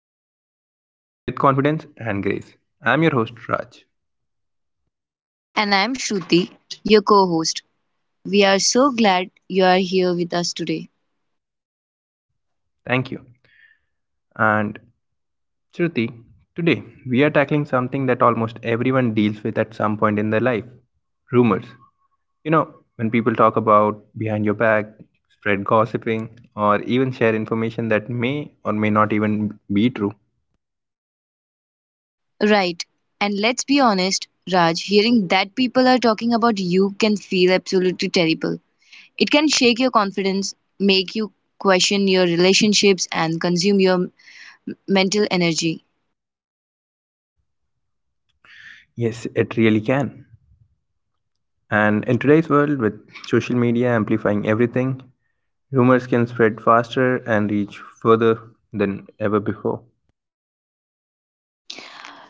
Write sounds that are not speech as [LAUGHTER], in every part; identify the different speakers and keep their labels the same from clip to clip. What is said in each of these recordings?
Speaker 1: navigate them with confidence and grace. I'm your host, Raj.
Speaker 2: And I'm Shruti, your co host. We are so glad you are here with us today.
Speaker 1: Thank you. And Shruti, today we are tackling something that almost everyone deals with at some point in their life rumors. You know, when people talk about behind your back, spread gossiping, or even share information that may or may not even be true.
Speaker 2: Right, and let's be honest, Raj, hearing that people are talking about you can feel absolutely terrible. It can shake your confidence, make you question your relationships, and consume your mental energy.
Speaker 1: Yes, it really can. And in today's world, with social media amplifying everything, rumors can spread faster and reach further than ever before.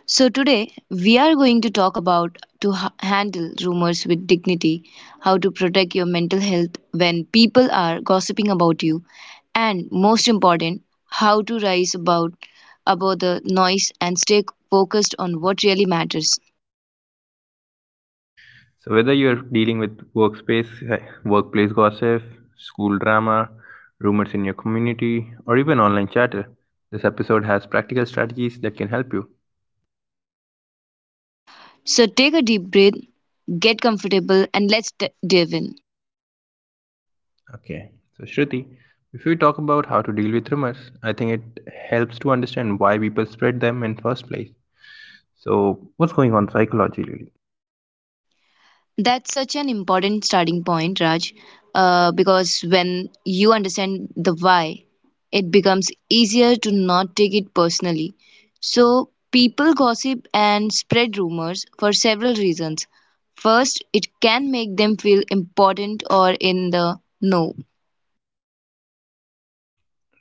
Speaker 2: So, today we are going to talk about to handle rumors with dignity, how to protect your mental health when people are gossiping about you, and most important, how to rise about above the noise and stay focused on what really matters.
Speaker 1: So, whether you're dealing with workplace gossip, school drama, rumors in your community, or even online chatter, this episode has practical strategies that can help you.
Speaker 2: So, take a deep breath, get comfortable, and let's dive in.
Speaker 1: Okay, so Shruti, if we talk about how to deal with rumors, I think it helps to understand why people spread them in first place. So, what's going on psychologically?
Speaker 2: That's such an important starting point, Raj, because when you understand the why, it becomes easier to not take it personally. So, people gossip and spread rumors for several reasons. First, it can make them feel important or in the know.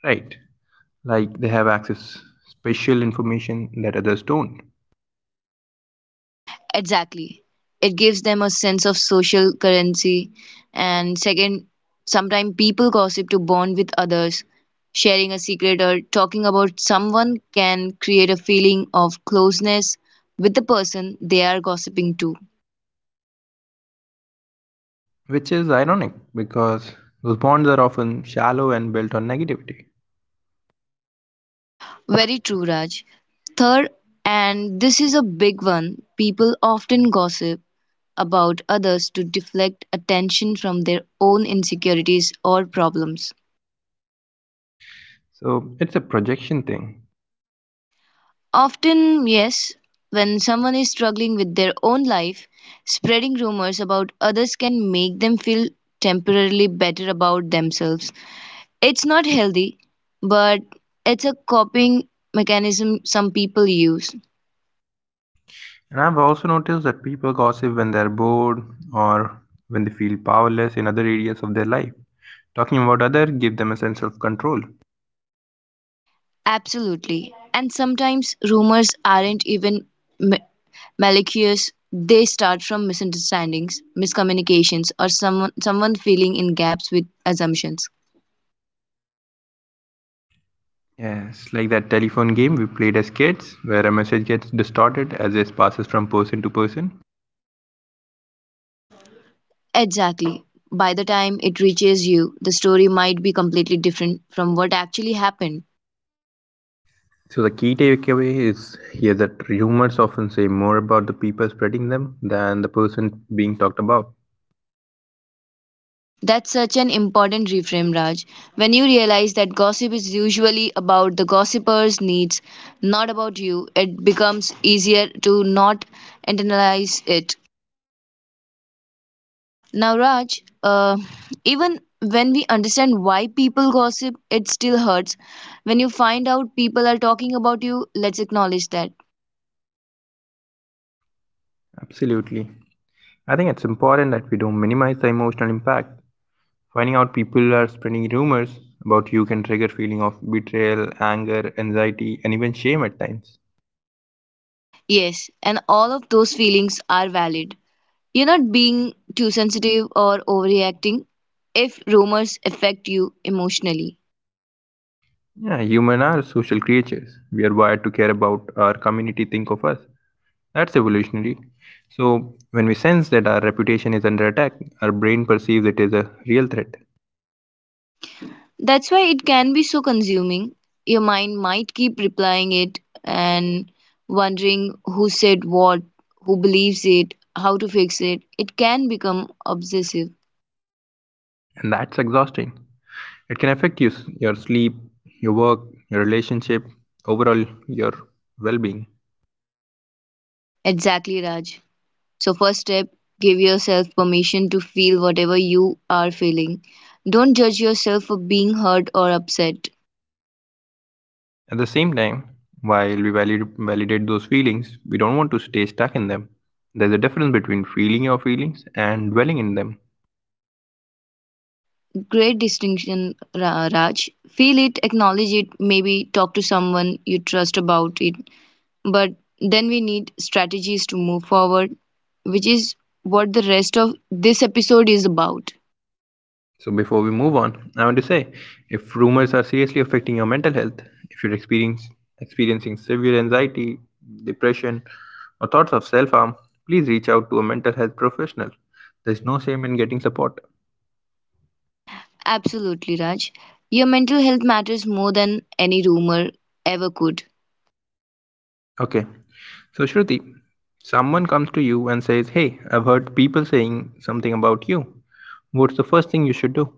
Speaker 1: Right, like they have access special information that others don't.
Speaker 2: Exactly. It gives them a sense of social currency. And second, sometimes people gossip to bond with others. Sharing a secret or talking about someone can create a feeling of closeness with the person they are gossiping to.
Speaker 1: Which is ironic because those bonds are often shallow and built on negativity.
Speaker 2: Very true, Raj. Third, and this is a big one, people often gossip about others to deflect attention from their own insecurities or problems.
Speaker 1: So it's a projection thing.
Speaker 2: Often, yes, when someone is struggling with their own life, spreading rumors about others can make them feel temporarily better about themselves. It's not healthy, but it's a coping mechanism some people use.
Speaker 1: And I've also noticed that people gossip when they're bored or when they feel powerless in other areas of their life. Talking about others gives them a sense of control.
Speaker 2: Absolutely. And sometimes rumors aren't even ma- malicious. They start from misunderstandings, miscommunications, or someone filling in gaps with assumptions.
Speaker 1: Yes, like that telephone game we played as kids where a message gets distorted as it passes from person to person.
Speaker 2: Exactly. By the time it reaches you, the story might be completely different from what actually happened.
Speaker 1: So the key takeaway is here that rumors often say more about the people spreading them than the person being talked about.
Speaker 2: That's such an important reframe, Raj. When you realize that gossip is usually about the gossiper's needs, not about you, it becomes easier to not internalize it. Now, Raj, even when we understand why people gossip, it still hurts. When you find out people are talking about you, let's acknowledge that.
Speaker 1: Absolutely. I think it's important that we don't minimize the emotional impact. Finding out people are spreading rumors about you can trigger feeling of betrayal, anger, anxiety and even shame at times.
Speaker 2: Yes, and all of those feelings are valid. You're not being too sensitive or overreacting if rumors affect you emotionally.
Speaker 1: Yeah, human are social creatures. We are wired to care about our community, think of us. That's evolutionary. So, when we sense that our reputation is under attack, our brain perceives it as a real threat.
Speaker 2: That's why it can be so consuming. Your mind might keep replying it and wondering who said what, who believes it, how to fix it. It can become obsessive.
Speaker 1: And that's exhausting. It can affect you, your sleep, your work, your relationship, overall, your well being.
Speaker 2: Exactly, Raj. So, first step give yourself permission to feel whatever you are feeling. Don't judge yourself for being hurt or upset.
Speaker 1: At the same time, while we validate those feelings, we don't want to stay stuck in them. There's a difference between feeling your feelings and dwelling in them.
Speaker 2: Great distinction, Raj. Feel it, acknowledge it, maybe talk to someone you trust about it. But then we need strategies to move forward, which is what the rest of this episode is about.
Speaker 1: So, before we move on, I want to say if rumors are seriously affecting your mental health, if you're experiencing severe anxiety, depression, or thoughts of self harm, please reach out to a mental health professional. There's no shame in getting support.
Speaker 2: Absolutely, Raj. Your mental health matters more than any rumor ever could.
Speaker 1: Okay, so Shruti, someone comes to you and says, Hey, I've heard people saying something about you. What's the first thing you should do?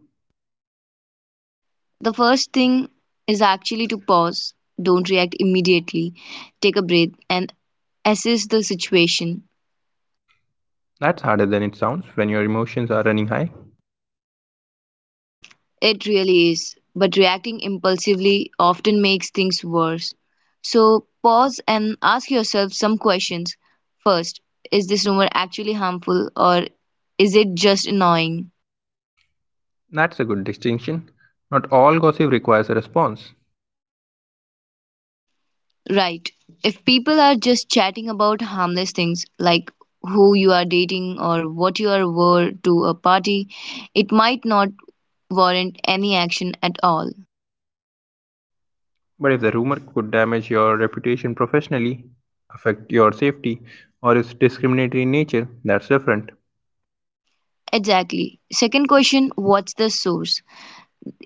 Speaker 2: The first thing is actually to pause, don't react immediately, take a breath, and assess the situation.
Speaker 1: That's harder than it sounds when your emotions are running high.
Speaker 2: It really is, but reacting impulsively often makes things worse. So pause and ask yourself some questions. First, is this rumor actually harmful or is it just annoying?
Speaker 1: That's a good distinction. Not all gossip requires a response.
Speaker 2: Right. If people are just chatting about harmless things like who you are dating or what you are wore to a party, it might not warrant any action at all.
Speaker 1: But if the rumor could damage your reputation professionally, affect your safety, or is discriminatory in nature, that's different.
Speaker 2: Exactly. Second question, what's the source?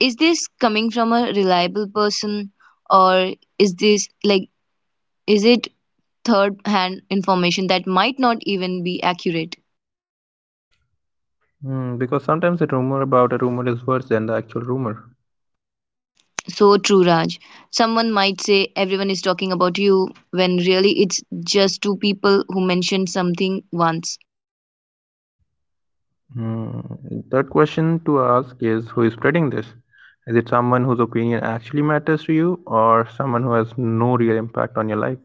Speaker 2: Is this coming from a reliable person or is this like is it third hand information that might not even be accurate?
Speaker 1: Hmm, because sometimes the rumor about a rumor is worse than the actual rumor.
Speaker 2: So true, Raj. Someone might say everyone is talking about you when really it's just two people who mentioned something once.
Speaker 1: Hmm, third question to ask is who is spreading this? Is it someone whose opinion actually matters to you, or someone who has no real impact on your life?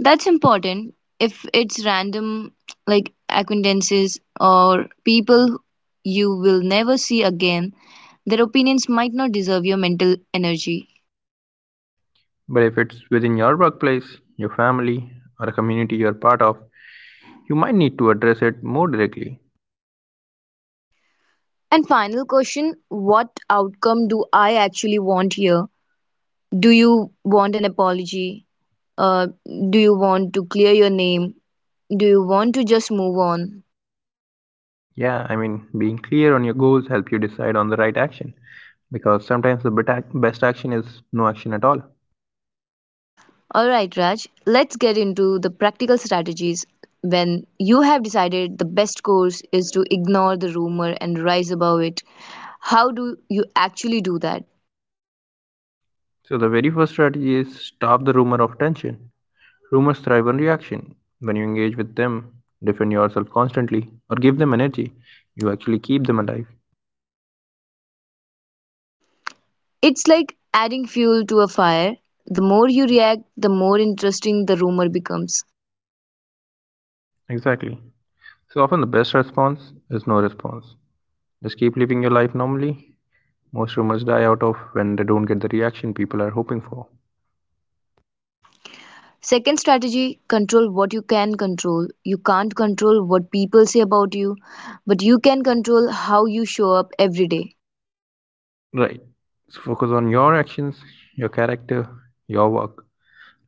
Speaker 2: That's important. If it's random, like acquaintances or people you will never see again, their opinions might not deserve your mental energy.
Speaker 1: But if it's within your workplace, your family, or a community you're part of, you might need to address it more directly.
Speaker 2: And final question, what outcome do I actually want here? Do you want an apology? Uh, do you want to clear your name? Do you want to just move on?
Speaker 1: Yeah, I mean, being clear on your goals help you decide on the right action because sometimes the best action is no action at all.
Speaker 2: All right, Raj, let's get into the practical strategies when you have decided the best course is to ignore the rumor and rise above it. How do you actually do that?
Speaker 1: So the very first strategy is stop the rumor of tension. Rumors thrive on reaction. When you engage with them, defend yourself constantly or give them energy, you actually keep them alive.
Speaker 2: It's like adding fuel to a fire. The more you react, the more interesting the rumor becomes.
Speaker 1: Exactly. So often the best response is no response. Just keep living your life normally. Most rumors die out of when they don't get the reaction people are hoping for.
Speaker 2: Second strategy control what you can control. You can't control what people say about you, but you can control how you show up every day.
Speaker 1: Right. So focus on your actions, your character, your work.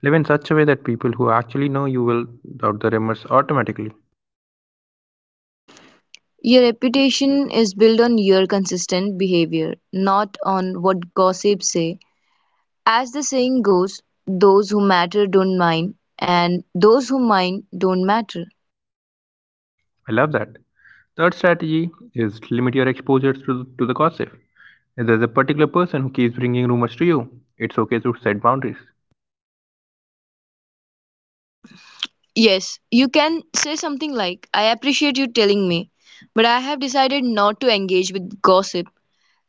Speaker 1: Live in such a way that people who actually know you will doubt the rumors automatically.
Speaker 2: Your reputation is built on your consistent behavior, not on what gossips say. As the saying goes, those who matter don't mind, and those who mind don't matter.
Speaker 1: I love that. Third strategy is limit your exposure to the gossip. If there's a particular person who keeps bringing rumors to you, it's okay to set boundaries.
Speaker 2: Yes, you can say something like, I appreciate you telling me, but I have decided not to engage with gossip.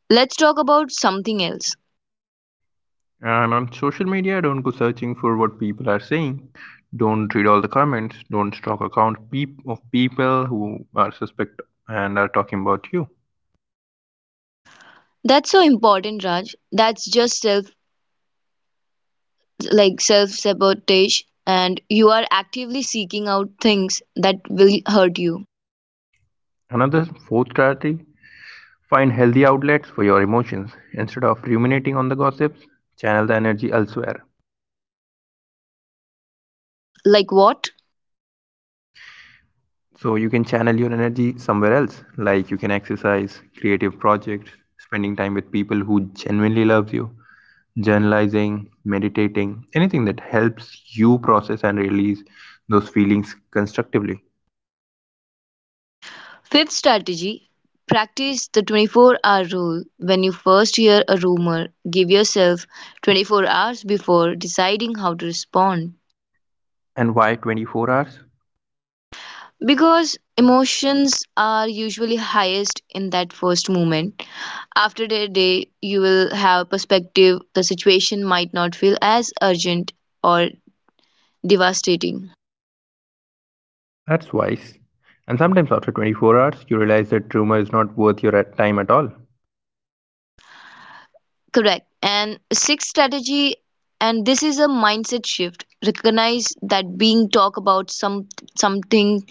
Speaker 2: Let's talk about something else.
Speaker 1: And on social media, don't go searching for what people are saying. Don't read all the comments. Don't stalk accounts of people who are suspect and are talking about you.
Speaker 2: That's so important, Raj. That's just self like self sabotage and you are actively seeking out things that will hurt you.
Speaker 1: Another fourth strategy find healthy outlets for your emotions. Instead of ruminating on the gossips, channel the energy elsewhere.
Speaker 2: Like what?
Speaker 1: So you can channel your energy somewhere else, like you can exercise, creative projects, spending time with people who genuinely love you, journalizing, meditating, anything that helps you process and release those feelings constructively.
Speaker 2: Fifth strategy, practice the 24-hour rule. When you first hear a rumor, give yourself 24 hours before deciding how to respond
Speaker 1: on, And why 24 hours?
Speaker 2: because emotions are usually highest in that first moment. After their day, you will have perspective. The situation might not feel as urgent or devastating.
Speaker 1: That's wise. And sometimes after 24 hours, you realize that rumor is not worth your time at all.
Speaker 2: Correct. And sixth strategy, and this is a mindset shift. Recognize that being talk about some something,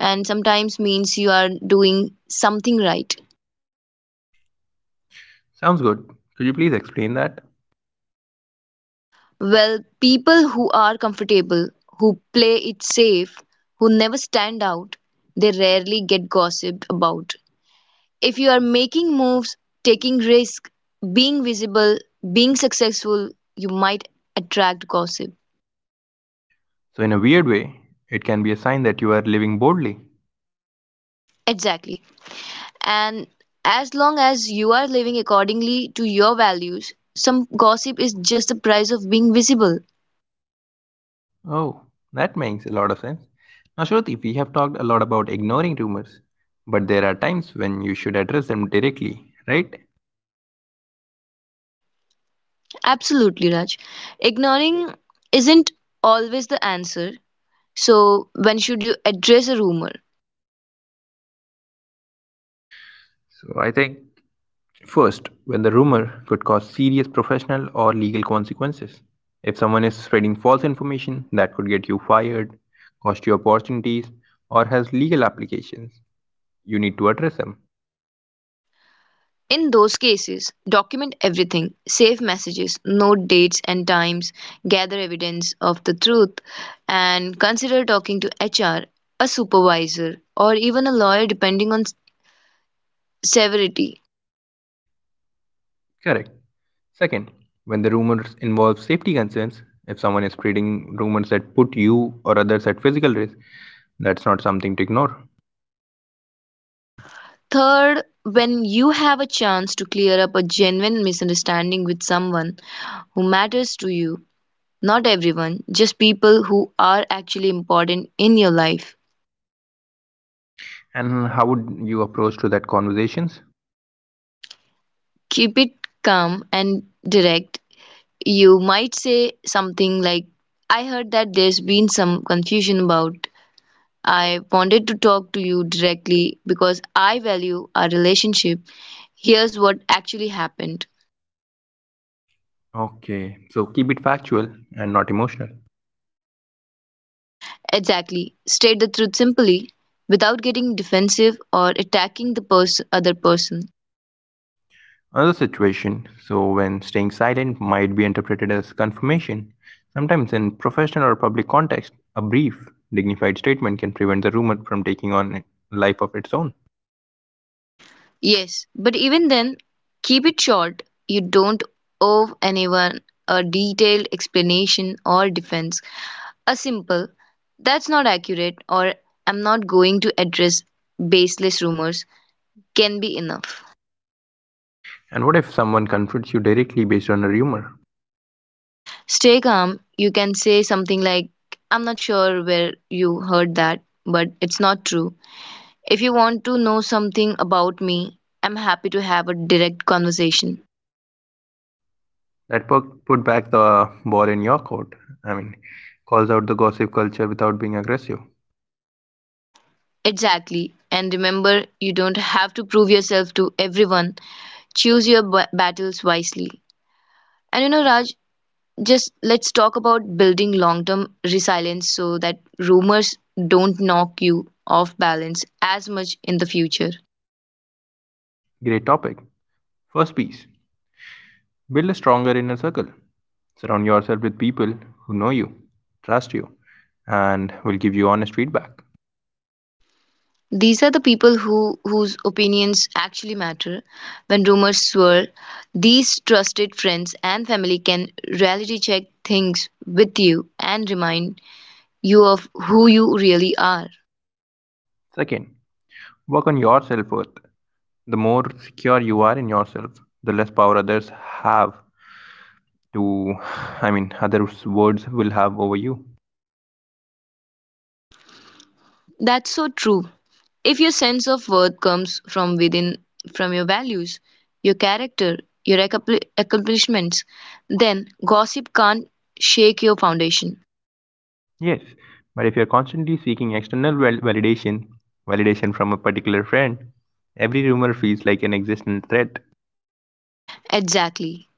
Speaker 2: and sometimes means you are doing something right.
Speaker 1: Sounds good. Could you please explain that?
Speaker 2: Well, people who are comfortable, who play it safe, who never stand out, they rarely get gossiped about. If you are making moves, taking risk, being visible, being successful, you might attract gossip.
Speaker 1: So, in a weird way, it can be a sign that you are living boldly.
Speaker 2: Exactly. And as long as you are living accordingly to your values, some gossip is just the price of being visible.
Speaker 1: Oh, that makes a lot of sense. Now, Shruti, we have talked a lot about ignoring rumors, but there are times when you should address them directly, right?
Speaker 2: Absolutely, Raj. Ignoring isn't always the answer. So, when should you address a rumor?
Speaker 1: So, I think first, when the rumor could cause serious professional or legal consequences. If someone is spreading false information, that could get you fired, cost you opportunities, or has legal applications. You need to address them.
Speaker 2: In those cases, document everything, save messages, note dates and times, gather evidence of the truth, and consider talking to HR, a supervisor, or even a lawyer depending on severity.
Speaker 1: Correct. Second, when the rumors involve safety concerns, if someone is spreading rumors that put you or others at physical risk, that's not something to ignore.
Speaker 2: Third, when you have a chance to clear up a genuine misunderstanding with someone who matters to you, not everyone, just people who are actually important in your life,
Speaker 1: And how would you approach to that conversations?
Speaker 2: keep it calm and direct. You might say something like, I heard that there's been some confusion about. I wanted to talk to you directly because I value our relationship. Here's what actually happened.
Speaker 1: Okay, so keep it factual and not emotional.
Speaker 2: Exactly. State the truth simply without getting defensive or attacking the other person.
Speaker 1: Another situation, so when staying silent might be interpreted as confirmation, sometimes in professional or public context, a brief, dignified statement can prevent the rumor from taking on a life of its own.
Speaker 2: Yes, but even then, keep it short. You don't owe anyone a detailed explanation or defense. A simple, that's not accurate, or I'm not going to address baseless rumors can be enough.
Speaker 1: And what if someone confronts you directly based on a rumor?
Speaker 2: Stay calm. You can say something like, I'm not sure where you heard that, but it's not true. If you want to know something about me, I'm happy to have a direct conversation.
Speaker 1: That put back the ball in your court. I mean, calls out the gossip culture without being aggressive.
Speaker 2: Exactly. And remember, you don't have to prove yourself to everyone. Choose your battles wisely. And Raj, just let's talk about building long term resilience so that rumors don't knock you off balance as much in the future.
Speaker 1: Great topic. First piece build a stronger inner circle. Surround yourself with people who know you, trust you, and will give you honest feedback.
Speaker 2: These are the people who whose opinions actually matter. When rumors swirl, these trusted friends and family can reality check things with you and remind you of who you really are.
Speaker 1: Second, work on your self worth. The more secure you are in yourself, the less power others have to, [SIGHS] I mean, others' words will have over you.
Speaker 2: That's so true. If your sense of worth comes from within, from your values, your character, your accomplishments, then gossip can't shake your foundation.
Speaker 1: Yes, but if you're constantly seeking external validation, validation from a particular friend, every rumor feels like an existential threat.
Speaker 2: Exactly.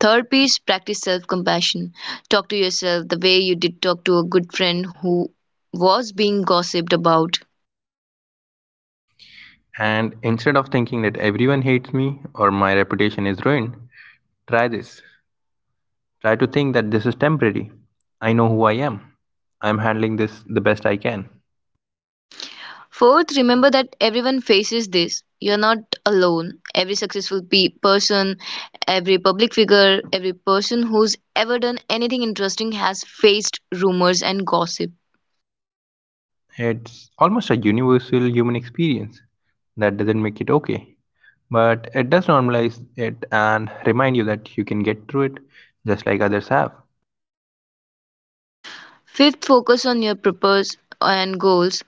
Speaker 2: Third piece, practice self compassion. Talk to yourself the way you did talk to a good friend who was being gossiped about.
Speaker 1: And instead of thinking that everyone hates me or my reputation is ruined, try this. Try to think that this is temporary. I know who I am. I'm handling this the best I can.
Speaker 2: Fourth, remember that everyone faces this. You're not alone. Every successful person, every public figure, every person who's ever done anything interesting has faced rumors and gossip.
Speaker 1: It's almost a universal human experience. That doesn't make it okay. But it does normalize it and remind you that you can get through it just like others have.
Speaker 2: Fifth, focus on your purpose and goals.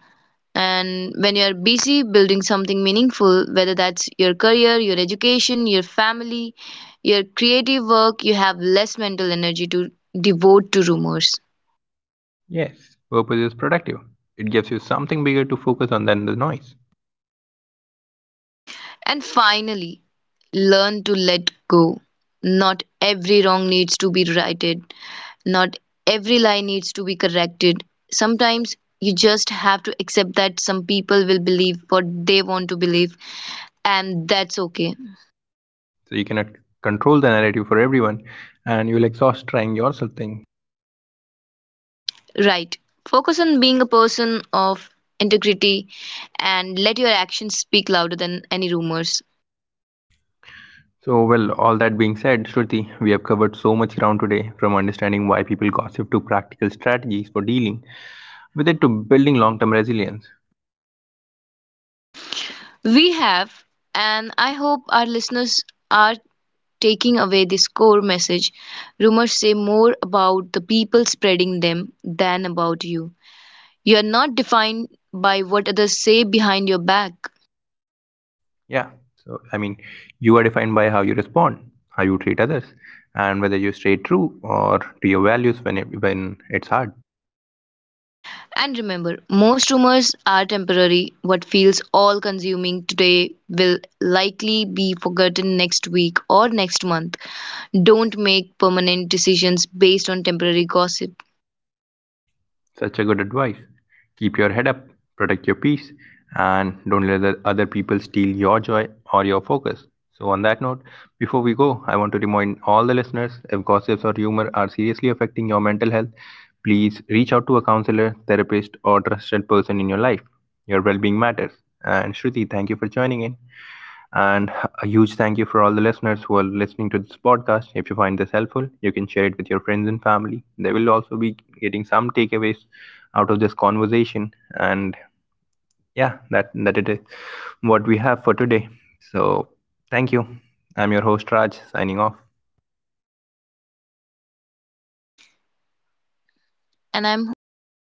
Speaker 2: And when you're busy building something meaningful, whether that's your career, your education, your family, your creative work, you have less mental energy to devote to rumors.
Speaker 1: Yes, purpose is productive. It gives you something bigger to focus on than the noise.
Speaker 2: And finally, learn to let go. Not every wrong needs to be righted, not every lie needs to be corrected. Sometimes you just have to accept that some people will believe what they want to believe, and that's okay.
Speaker 1: So you cannot control the narrative for everyone and you'll exhaust trying yourself thing.
Speaker 2: Right. Focus on being a person of integrity and let your actions speak louder than any rumors.
Speaker 1: So well, all that being said, Shruti, we have covered so much ground today from understanding why people gossip to practical strategies for dealing with it to building long-term resilience.
Speaker 2: We have, and I hope our listeners are taking away this core message. Rumors say more about the people spreading them than about you. You are not defined by what others say behind your back.
Speaker 1: Yeah. So I mean, you are defined by how you respond, how you treat others, and whether you stay true or to your values when it's hard.
Speaker 2: And remember, most rumors are temporary. What feels all consuming today will likely be forgotten next week or next month. Don't make permanent decisions based on temporary gossip.
Speaker 1: Such a good advice. Keep your head up, protect your peace, and don't let the other people steal your joy or your focus. So, on that note, before we go, I want to remind all the listeners if gossips or humor are seriously affecting your mental health, please reach out to a counselor, therapist, or trusted person in your life. Your well being matters. And Shruti, thank you for joining in. And a huge thank you for all the listeners who are listening to this podcast. If you find this helpful, you can share it with your friends and family. They will also be getting some takeaways out of this conversation. And yeah, that it is what we have for today. So thank you. I'm your host Raj signing off.
Speaker 2: And I'm your co